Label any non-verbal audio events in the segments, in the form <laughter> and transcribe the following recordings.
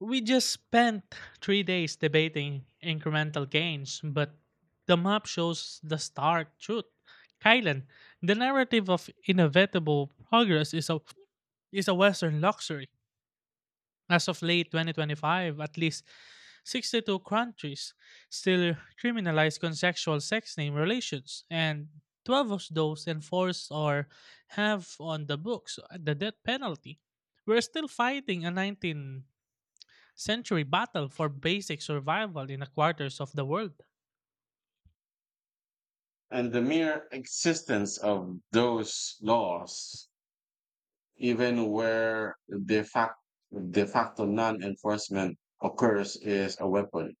We just spent 3 days debating incremental gains, but the map shows the stark truth. Kylan, the narrative of inevitable progress is a Western luxury. As of late 2025, at least 62 countries still criminalize consensual sex name relations, and 12 of those enforce or have on the books the death penalty. We're still fighting a 19 century battle for basic survival in a quarters of the world. And the mere existence of those laws, even where de facto, de facto non enforcement occurs, is a weapon.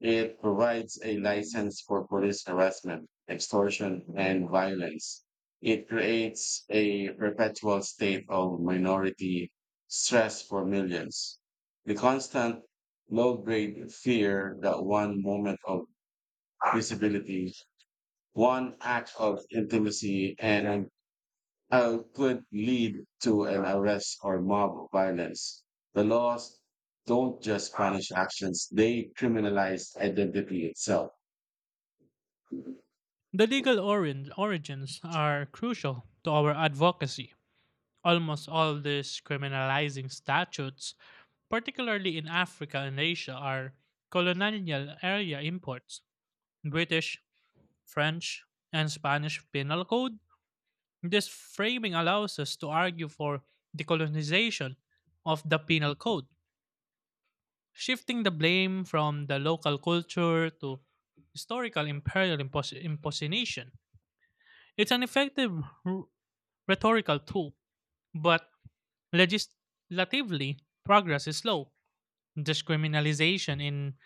It provides a license for police harassment, extortion, and violence. It creates a perpetual state of minority stress for millions. The constant low grade fear that one moment of visibility one act of intimacy and could lead to an arrest or mob violence. The laws don't just punish actions, they criminalize identity itself. The legal origins are crucial to our advocacy. Almost all these criminalizing statutes, particularly in Africa and Asia, are colonial area imports. British, French, and Spanish penal code. This framing allows us to argue for decolonization of the penal code, shifting the blame from the local culture to historical imperial imposition. It's an effective r- rhetorical tool, but legislatively, progress is slow. Discriminalization in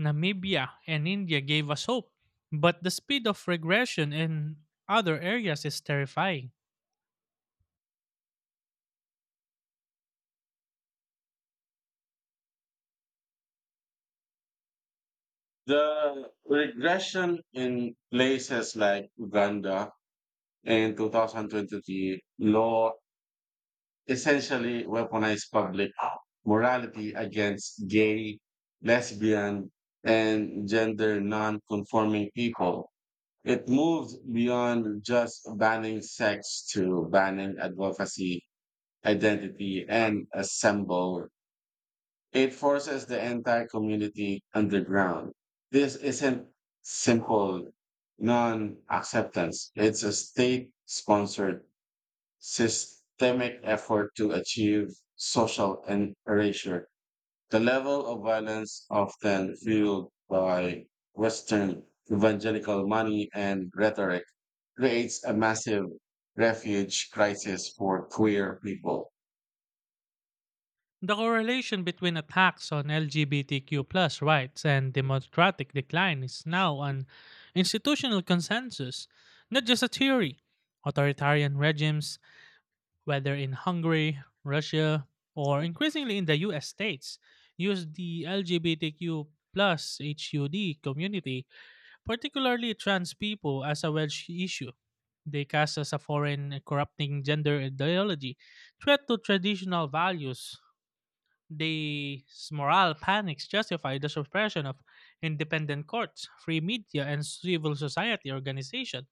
Namibia and India gave us hope, but the speed of regression in other areas is terrifying. The regression in places like Uganda in 2023 law essentially weaponized public morality against gay, lesbian, and gender non-conforming people. It moved beyond just banning sex to banning advocacy, identity, and assemble. It forces the entire community underground. This isn't simple non acceptance, it's a state sponsored systemic effort to achieve erasure. The level of violence often fueled by Western evangelical money and rhetoric creates a massive refuge crisis for queer people. The correlation between attacks on LGBTQ plus rights and democratic decline is now an institutional consensus, not just a theory. Authoritarian regimes, whether in Hungary, Russia, or increasingly in the US states, use the LGBTQ plus HUD community, particularly trans people, as a wedge issue. They cast as a foreign, corrupting gender ideology, threat to traditional values. The moral panics justify the suppression of independent courts, free media, and civil society organization,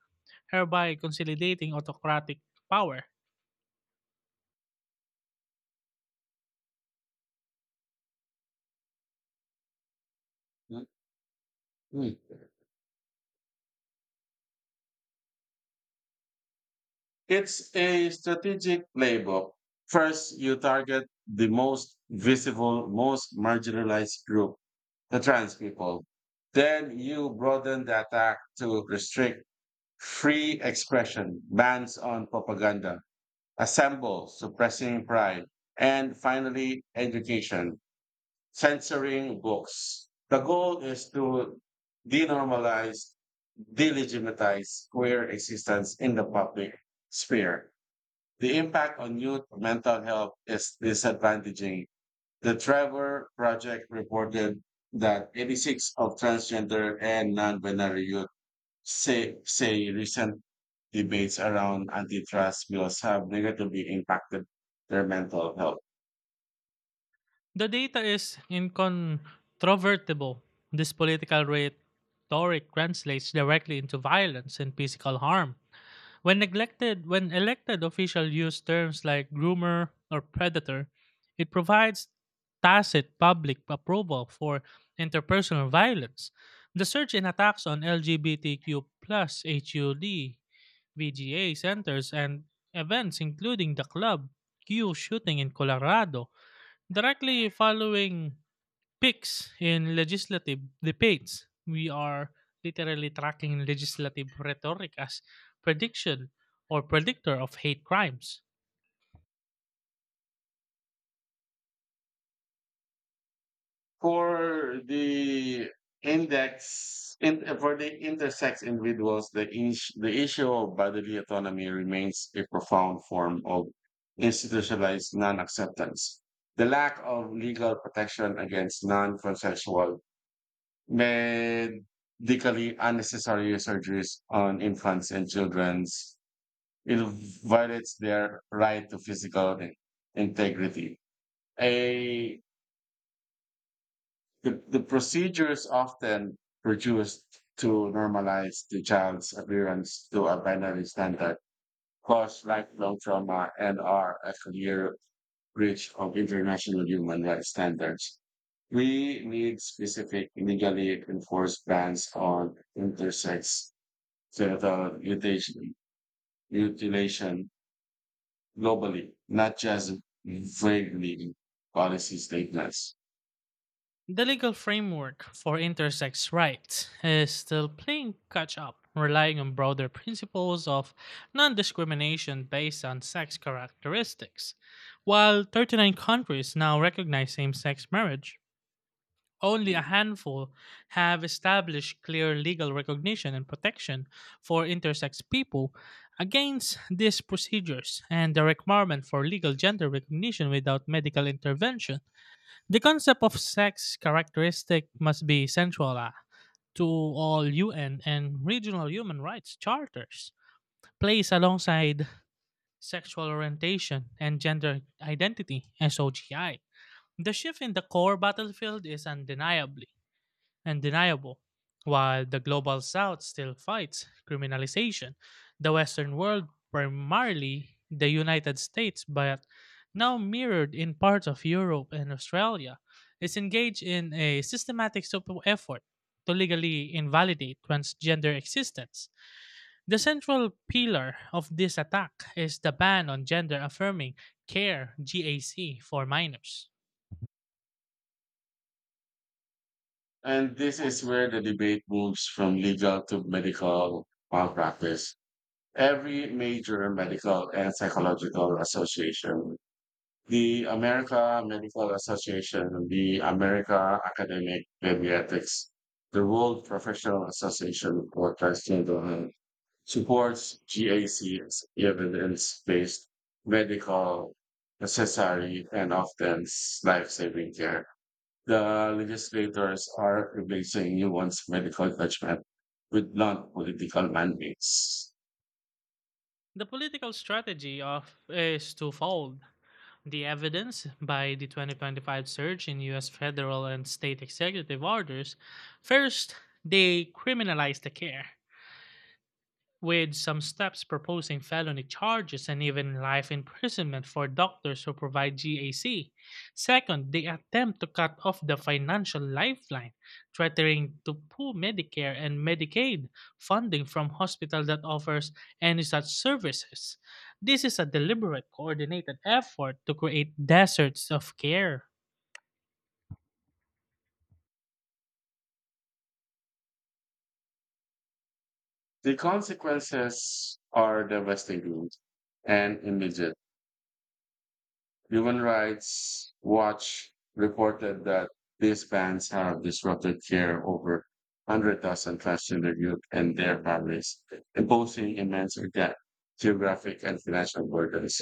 hereby consolidating autocratic power. Mm. It's a strategic playbook. First, you target the most visible, most marginalized group, the trans people. Then you broaden the attack to restrict free expression, bans on propaganda, assemble, suppressing pride, and finally, education, censoring books. The goal is to denormalize, delegitimize queer existence in the public sphere. The impact on youth mental health is disadvantaging. The Trevor Project reported that 86 of transgender and non-binary youth say recent debates around antitrust bills have negatively impacted their mental health. The data is incontrovertible. This political rhetoric translates directly into violence and physical harm. When elected officials use terms like groomer or predator, it provides tacit public approval for interpersonal violence. The surge in attacks on LGBTQ plus HUD VGA centers and events, including the Club Q shooting in Colorado, directly following Picks in legislative debates. We are literally tracking legislative rhetoric as prediction or predictor of hate crimes. For the for the intersex individuals, the issue of bodily autonomy remains a profound form of institutionalized non-acceptance. The lack of legal protection against non-consensual medically unnecessary surgeries on infants and children it violates their right to integrity. A, the procedure is often reduced to normalize the child's appearance to a binary standard, cause lifelong trauma, and are a clear breach of international human rights standards. We need specific legally enforced bans on intersex genital mutilation globally, not just vaguely policy statements. The legal framework for intersex rights is still playing catch up, relying on broader principles of non discrimination based on sex characteristics. While 39 countries now recognize same sex marriage, only a handful have established clear legal recognition and protection for intersex people against these procedures and the requirement for legal gender recognition without medical intervention. The concept of sex characteristic must be central, to all UN and regional human rights charters, placed alongside sexual orientation and gender identity, SOGI. The shift in the core battlefield is undeniably and deniable. While the global south still fights criminalization, the Western world, primarily the United States, but now mirrored in parts of Europe and Australia, is engaged in a systematic effort to legally invalidate transgender existence. The central pillar of this attack is the ban on gender affirming care GAC for minors. And this is where the debate moves from legal to medical malpractice. Every major medical and psychological association, the America Medical Association, the America Academic Pediatrics, the World Professional Association for Transgender supports GAC's evidence-based medical necessary and often life-saving care. The legislators are replacing nuanced medical judgment with non-political mandates. The political strategy of is twofold. The evidence by the 2025 surge in US federal and state executive orders. First, they criminalized the care, with some steps proposing felony charges and even life imprisonment for doctors who provide GAC. Second, they attempt to cut off the financial lifeline, threatening to pull Medicare and Medicaid funding from hospitals that offers any such services. This is a deliberate, coordinated effort to create deserts of care. The consequences are devastating and immediate. Human Rights Watch reported that these bans have disrupted care over 100,000 transgender youth and their families, imposing immense again, geographic and financial burdens.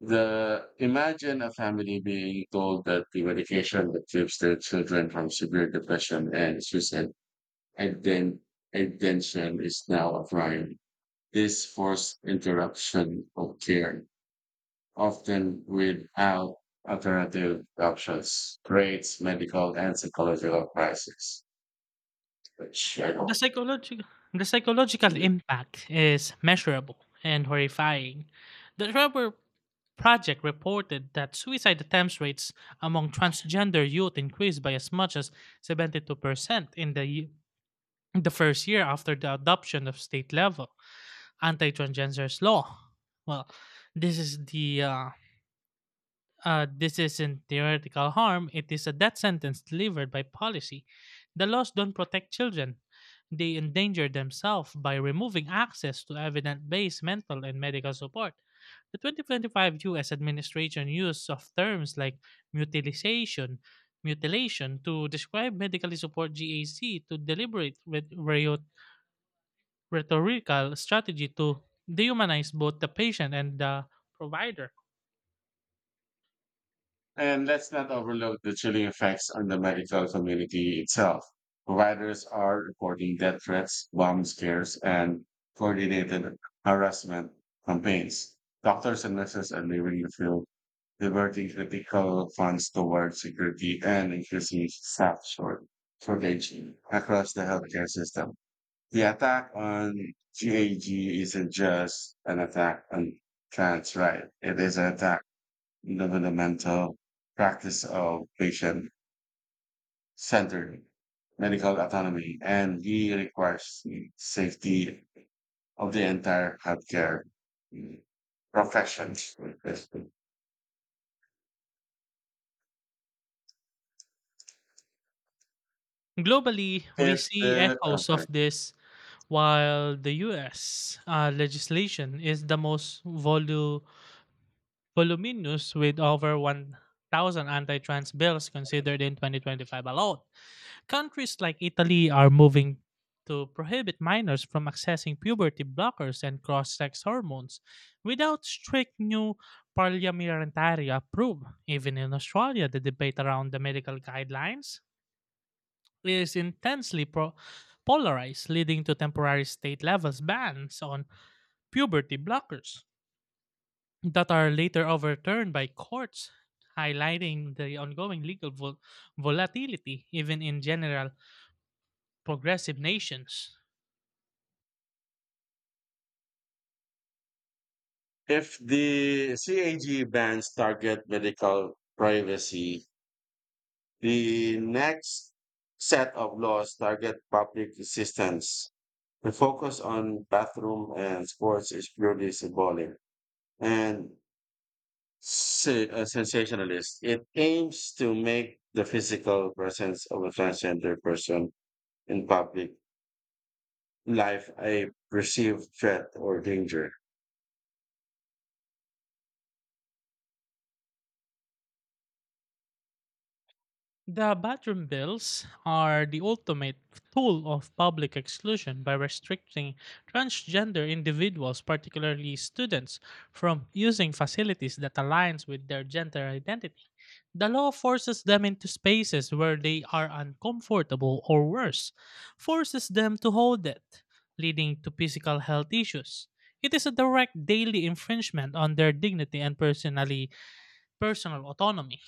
The imagine a family being told that the medication that keeps their children from severe depression and suicide and then intention is now a crime. This forced interruption of care often without alternative options, creates medical and psychological crises, which I The don't psychological the psychological believe. impact is measurable and horrifying. The Rubber Project reported that suicide attempts rates among transgender youth increased by as much as 72% in the first year after the adoption of state level anti transgender law. Well, this is the uh, this isn't theoretical harm, it is a death sentence delivered by policy. The laws don't protect children. They endanger themselves by removing access to evidence based mental and medical support. The 2025 US administration use of terms like mutilation, mutilation to describe medically support GAC to deliberate with rhetorical strategy to dehumanize both the patient and the provider. And let's not overlook the chilling effects on the medical community itself. Providers are reporting death threats, bomb scares, and coordinated harassment campaigns. Doctors and nurses are leaving the field, diverting critical funds towards security and increasing staff short shortage across the healthcare system. The attack on GAG isn't just an attack on trans rights. It is an attack on the fundamental practice of patient-centered medical autonomy and the requires safety of the entire healthcare profession. Globally, we If see the I'm echoes of sorry. this while the US legislation is the most voluminous with over 1,000 anti trans bills considered in 2025 alone. Countries like Italy are moving to prohibit minors from accessing puberty blockers and cross sex hormones without strict new parliamentary approval. Even in Australia, the debate around the medical guidelines is intensely polarized, leading to temporary state levels bans on puberty blockers that are later overturned by courts, highlighting the ongoing legal volatility even in general progressive nations. If the CAG bans target medical privacy, The next set of laws target public assistance. The focus on bathroom and sports is purely symbolic and sensationalist. It aims to make the physical presence of a transgender person in public life a perceived threat or danger. The bathroom bills are the ultimate tool of public exclusion by restricting transgender individuals, particularly students, from using facilities that aligns with their gender identity. The law forces them into spaces where they are uncomfortable or worse, forces them to hold it, leading to physical health issues. It is a direct daily infringement on their dignity and personal autonomy.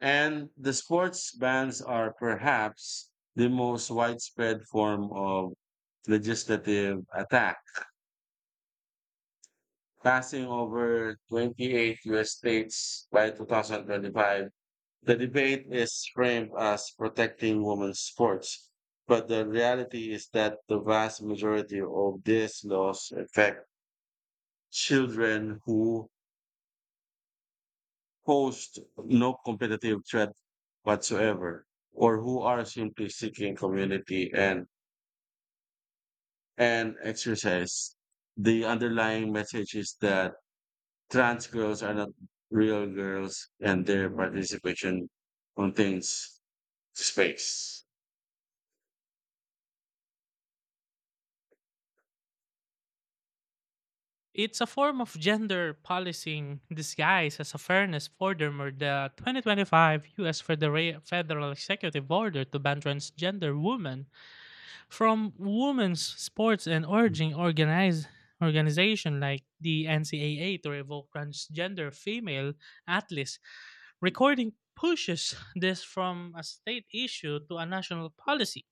And the sports bans are perhaps the most widespread form of legislative attack passing over 28 U.S. states by 2025. The debate is framed as protecting women's sports, but the reality is that the vast majority of these laws affect children who host no competitive threat whatsoever or who are simply seeking community and exercise. The underlying message is that Trans girls are not real girls, and their participation contains space. It's a form of gender policing disguised as a fairness order or the 2025 U.S. Federal Executive Order to ban transgender women from women's sports and urging organized organization like the NCAA to revoke transgender female athletes. Recording pushes this from a state issue to a national policy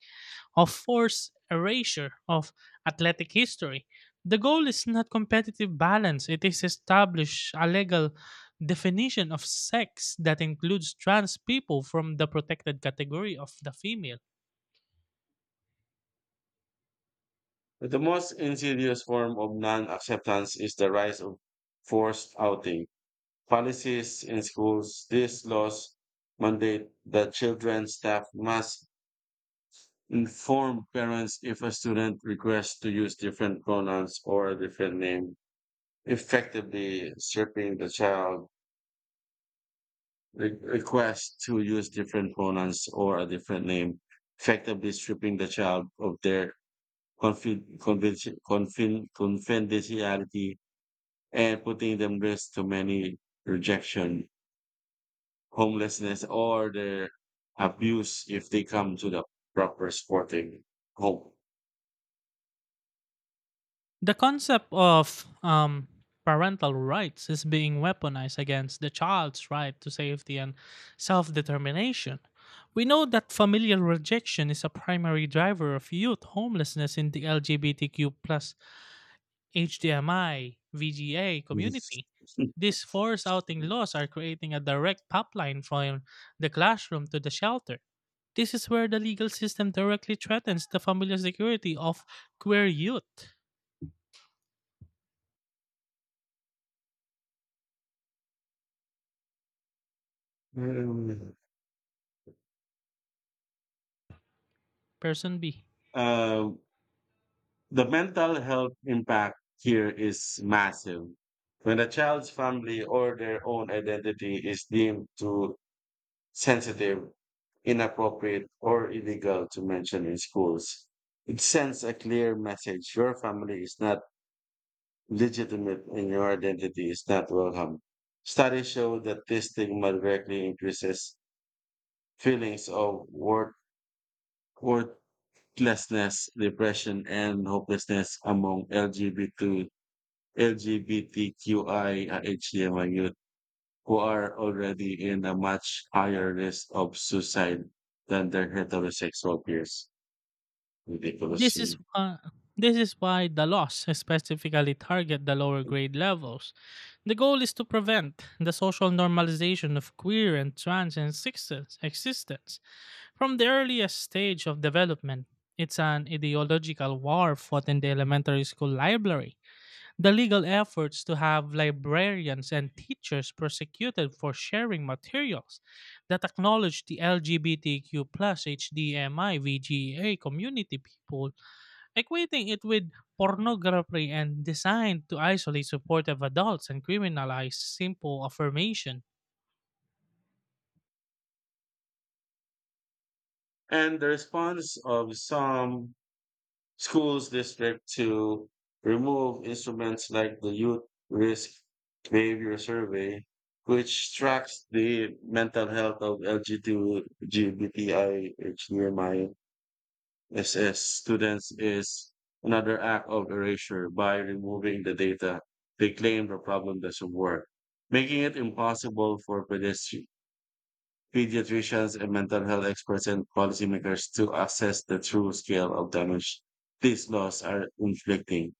of forced erasure of athletic history. The goal is not competitive balance, it is establish a legal definition of sex that includes trans people from the protected category of the female. But the most insidious form of non acceptance is the rise of forced outing. Policies in schools, these laws mandate that children staff must inform parents if a student requests to use different pronouns or a different name, effectively stripping the child request to use different pronouns or a different name, effectively stripping the child of their confidentiality and putting them risk to many rejection, homelessness, or their abuse if they come to the proper sporting home. The concept of parental rights is being weaponized against the child's right to safety and self determination. We know that familial rejection is a primary driver of youth homelessness in the LGBTQ plus HDMI VGA community. These force outing laws <laughs> are creating a direct pipeline from the classroom to the shelter. This is where the legal system directly threatens the familial security of queer youth. Person B. Um, The mental health impact here is massive. When a child's family or their own identity is deemed too sensitive, inappropriate, or illegal to mention in schools, it sends a clear message your family is not legitimate and your identity is not welcome. Studies show that this stigma directly increases feelings of worthlessness, depression, and hopelessness among LGBTQIA HDMI youth who are already in a much higher risk of suicide than their heterosexual peers. Ridiculous. This is uh, this is why the laws specifically target the lower grade levels. The goal is to prevent the social normalization of queer and trans existence from the earliest stage of development. It's an ideological war fought in the elementary school library. The legal efforts to have librarians and teachers prosecuted for sharing materials that acknowledge the LGBTQ plus HDMI VGA community people equating it with pornography and designed to isolate supportive adults and criminalize simple affirmation. And the response of some schools district to remove instruments like the youth risk behavior survey, which tracks the mental health of LGBTI SS students is another act of erasure by removing the data. They claim the problem doesn't work, making it impossible for pediatricians and mental health experts and policymakers to assess the true scale of damage these laws are inflicting.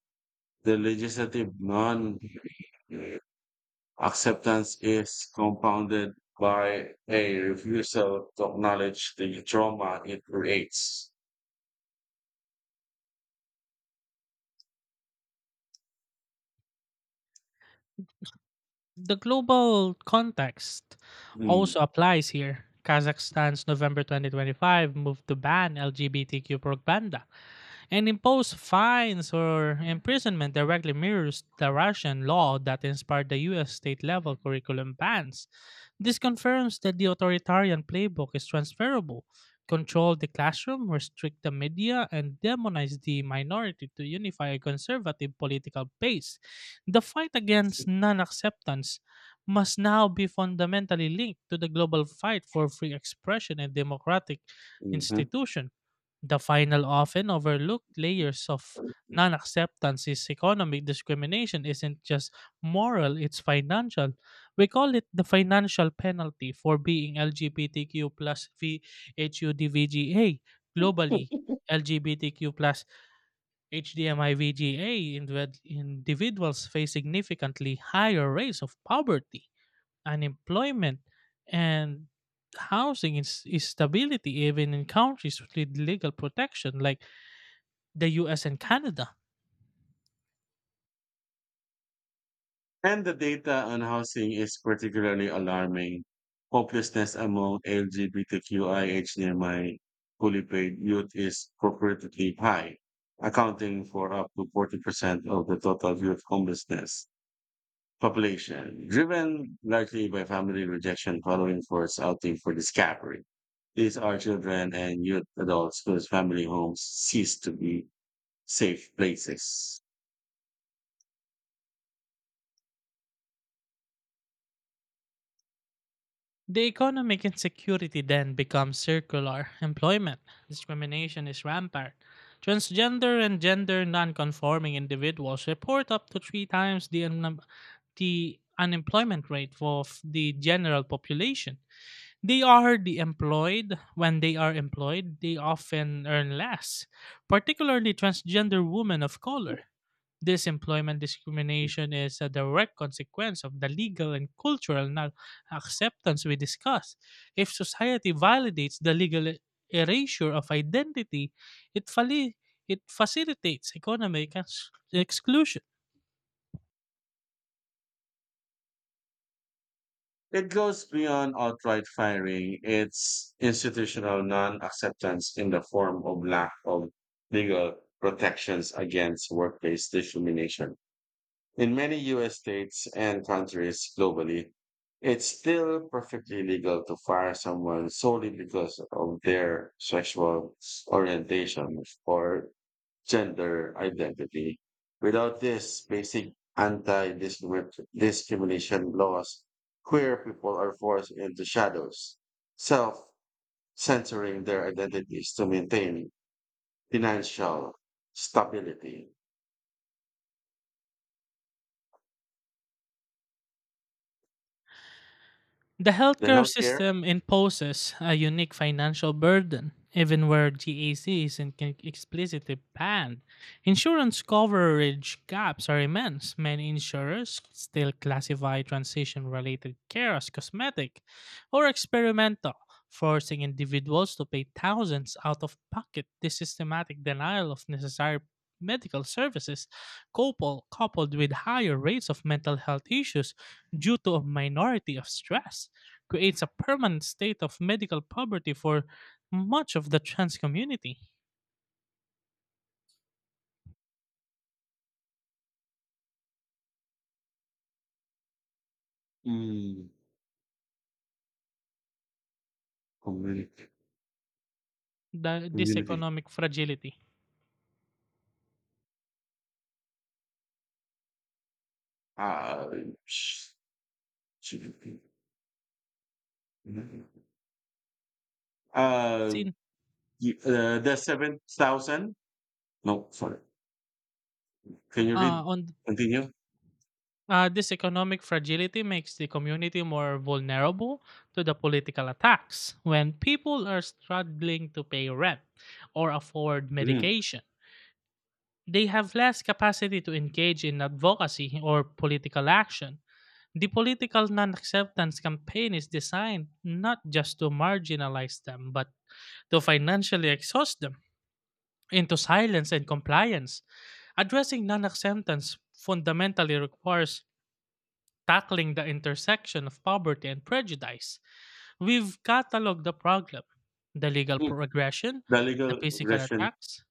The legislative non acceptance is compounded by a refusal to acknowledge the trauma it creates. The global context Mm. also applies here. Kazakhstan's November 2025 move to ban LGBTQ propaganda and imposed fines or imprisonment directly mirrors the Russian law that inspired the US state level curriculum bans. This confirms that the authoritarian playbook is transferable. Control the classroom, restrict the media, and demonize the minority to unify a conservative political base. The fight against non acceptance must now be fundamentally linked to the global fight for free expression and democratic Mhm. institution. The final, often overlooked layers of non acceptance is economic discrimination isn't just moral, it's financial. We call it the financial penalty for being LGBTQ plus VHUDVGA globally. LGBTQ plus HDMIVGA individuals face significantly higher rates of poverty, unemployment, and housing instability even in countries with legal protection like the US and Canada. And the data on housing is particularly alarming. Hopelessness among LGBTQIHDMI fully paid youth is proportionately high, accounting for up to 40% of the total youth homelessness population, driven largely by family rejection following forced outing for discovery. These are children and youth adults whose family homes cease to be safe places. The economic insecurity then becomes circular. Employment discrimination is rampant. Transgender and gender nonconforming individuals report up to three times the unemployment rate of the general population. They are the employed. When they are employed, they often earn less, particularly transgender women of color. This employment discrimination is a direct consequence of the legal and cultural non acceptance we discussed. If society validates the legal erasure of identity, it, fali- it facilitates economic exclusion. It goes beyond outright firing. It's institutional non-acceptance in the form of lack of legal protections against workplace discrimination. In many US states and countries globally, it's still perfectly legal to fire someone solely because of their sexual orientation or gender identity. Without this basic anti-discrimination laws, queer people are forced into shadows, self-censoring their identities to maintain financial stability. The The healthcare healthcare system imposes a unique financial burden. Even where GAC isn't explicitly banned, insurance coverage gaps are immense. Many insurers still classify transition related care as cosmetic or experimental, forcing individuals to pay thousands out of pocket. This systematic denial of necessary medical services, coupled with higher rates of mental health issues due to a minority of stress creates a permanent state of medical poverty for much of the trans community. mm, The, this Community. economic fragility. Uh, sh- sh- uh, Sin, the 7,000. No, sorry. Can you read? on Continue. This economic fragility makes the community more vulnerable to the political attacks. When people are struggling to pay rent or afford Mhm. medication, they have less capacity to engage in advocacy or political action. The political non acceptance campaign is designed not just to marginalize them, but to financially exhaust them into silence and compliance. Addressing non acceptance fundamentally requires tackling the intersection of poverty and prejudice. We've cataloged the problem, the legal Mm. progression, The the legal physical aggression. attacks,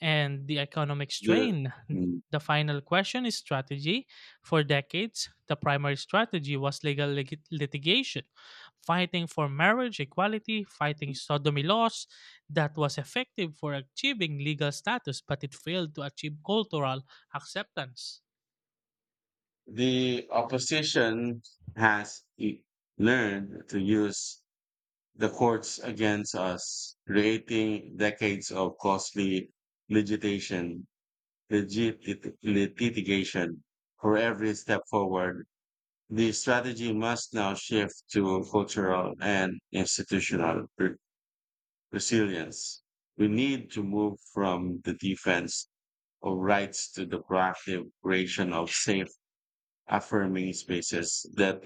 and the economic The, strain. mm. The final question is strategy. For decades, the primary strategy was legal litigation, fighting for marriage equality, fighting sodomy laws. That was effective for achieving legal status, but it failed to achieve cultural acceptance. the opposition has e- learned to use the courts against us, creating decades of costly litigation, legit litigation for every step forward The strategy must now shift to cultural and resilience. We need to move from the defense of rights to the proactive creation of safe, affirming spaces that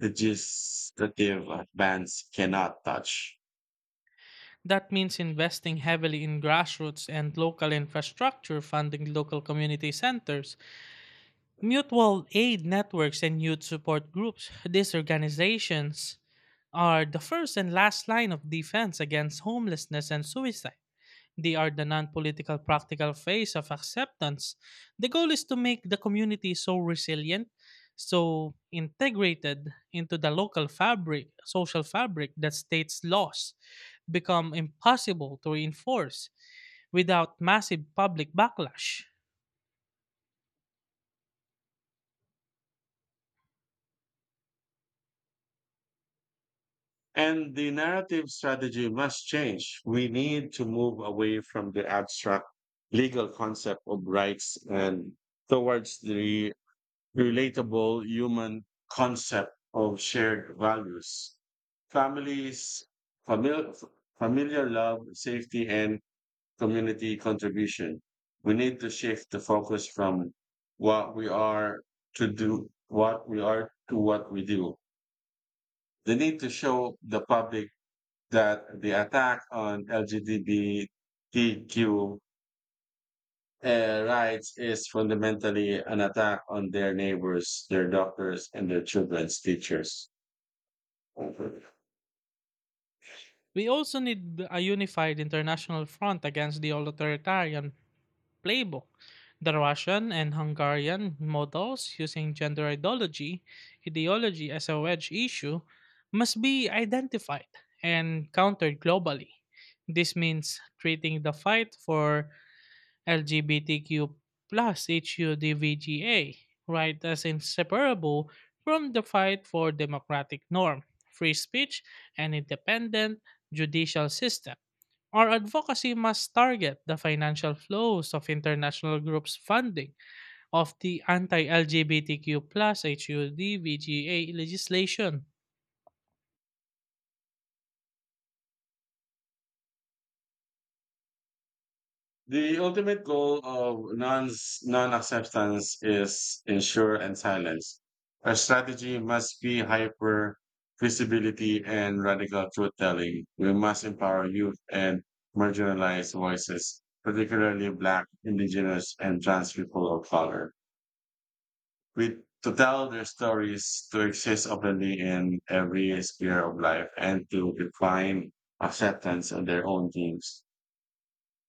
legislative advance cannot touch. That means investing heavily in grassroots and local infrastructure, funding local community centers, mutual aid networks, and youth support groups. These organizations are the first and last line of defense against homelessness and suicide. They are the non political practical phase of acceptance. The goal is to make the community so resilient, so integrated into the local fabric, social fabric, that states' laws become impossible to enforce without massive public backlash. And the narrative strategy must change. We need to move away from the abstract legal concept of rights and towards the relatable human concept of shared values. Families, familiar, familiar love, safety, and community contribution. We need to shift the focus from what we are what we are to what we do. They need to show the public that the attack on LGBTQ rights is fundamentally an attack on their neighbors, their doctors, and their children's teachers. We also need a unified international front against the authoritarian playbook. The Russian and Hungarian models, using gender ideology as a wedge issue, must be identified and countered globally. This means treating the fight for LGBTQ plus HUDVGA, right, as inseparable from the fight for democratic norm, free speech, and independent judicial system. Our advocacy must target the financial flows of international groups funding of the anti-LGBTQ plus HUD VGA legislation. The ultimate goal of non acceptance is ensure and silence. Our strategy must be hyper visibility and radical truth telling. We must empower youth and marginalized voices, particularly Black, Indigenous, and trans people of color. With to tell their stories, to exist openly in every sphere of life, and to define acceptance on their own terms,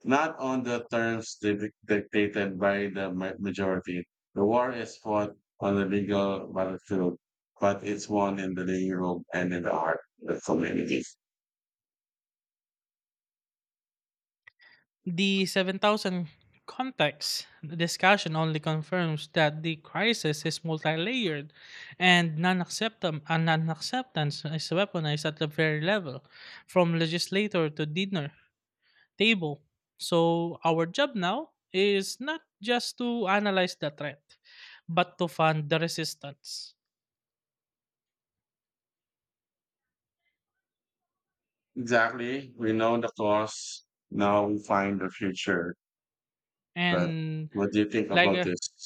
not on the terms dictated by the majority. The war is fought on the legal battlefield, but it's won in the living room and in the heart of the community. The 7,000 context discussion only confirms that the crisis is multi-layered and non-acceptance is weaponized at the very level, from legislator to dinner table. So our job now is not just to analyze the threat, but to fund the resistance. Exactly. We know the cause. Now we find the future. But And what do you think like about this?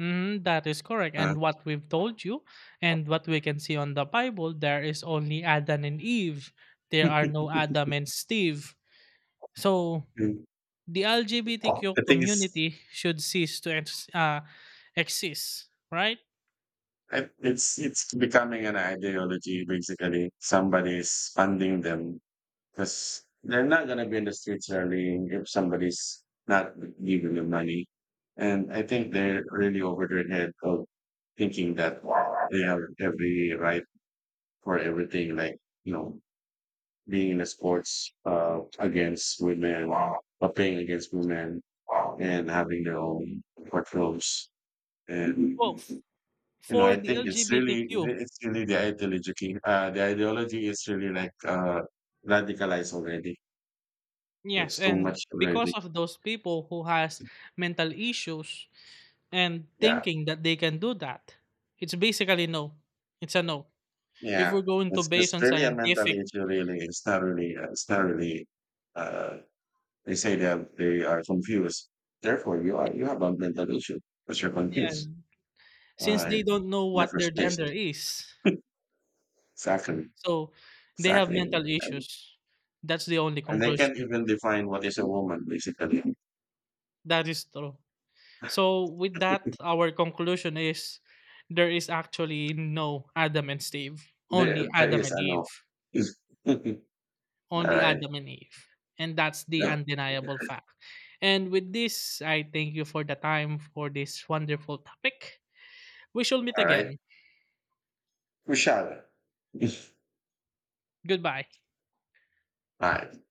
mhm, that is correct. Uh, And what we've told you, and what we can see on the Bible, there is only Adam and Eve. There are no Adam and Steve. So the I LGBTQ think it's community should cease to exist, right? It's becoming an ideology basically. Somebody's funding them because they're not gonna be in the streets rallying if somebody's not giving them money. And I think they're really over their head of thinking that they have every right for everything, like you know, being in the sports against women, or playing against women, and having their own courtrooms Well, and you know, f- I think for the LGBTQ it's really the ideology. The ideology is really like radicalized already. Yes, It's too and much because already. of those people who has mental issues and Yeah, thinking that they can do that, it's basically no. It's a no. If yeah. we're going to base It's on really a mental scientific, issue. Really, it's not really. Uh, they say that they are confused. Therefore, you have a mental issue because you're yes, confused since they in don't know the what their first place. gender is, Exactly, so they have exactly. mental And, issues. That's the only and they can't conclusion. even define what is a woman basically. That is true. <laughs> So with that, our conclusion is there is actually no Adam and Steve, only Adam and I Eve. know. <laughs> Only Alright. Adam and Eve. And that's the Yeah, undeniable fact. And with this, I thank you for the time for this wonderful topic. We shall meet alright. again. We shall. Goodbye. Alright. <laughs>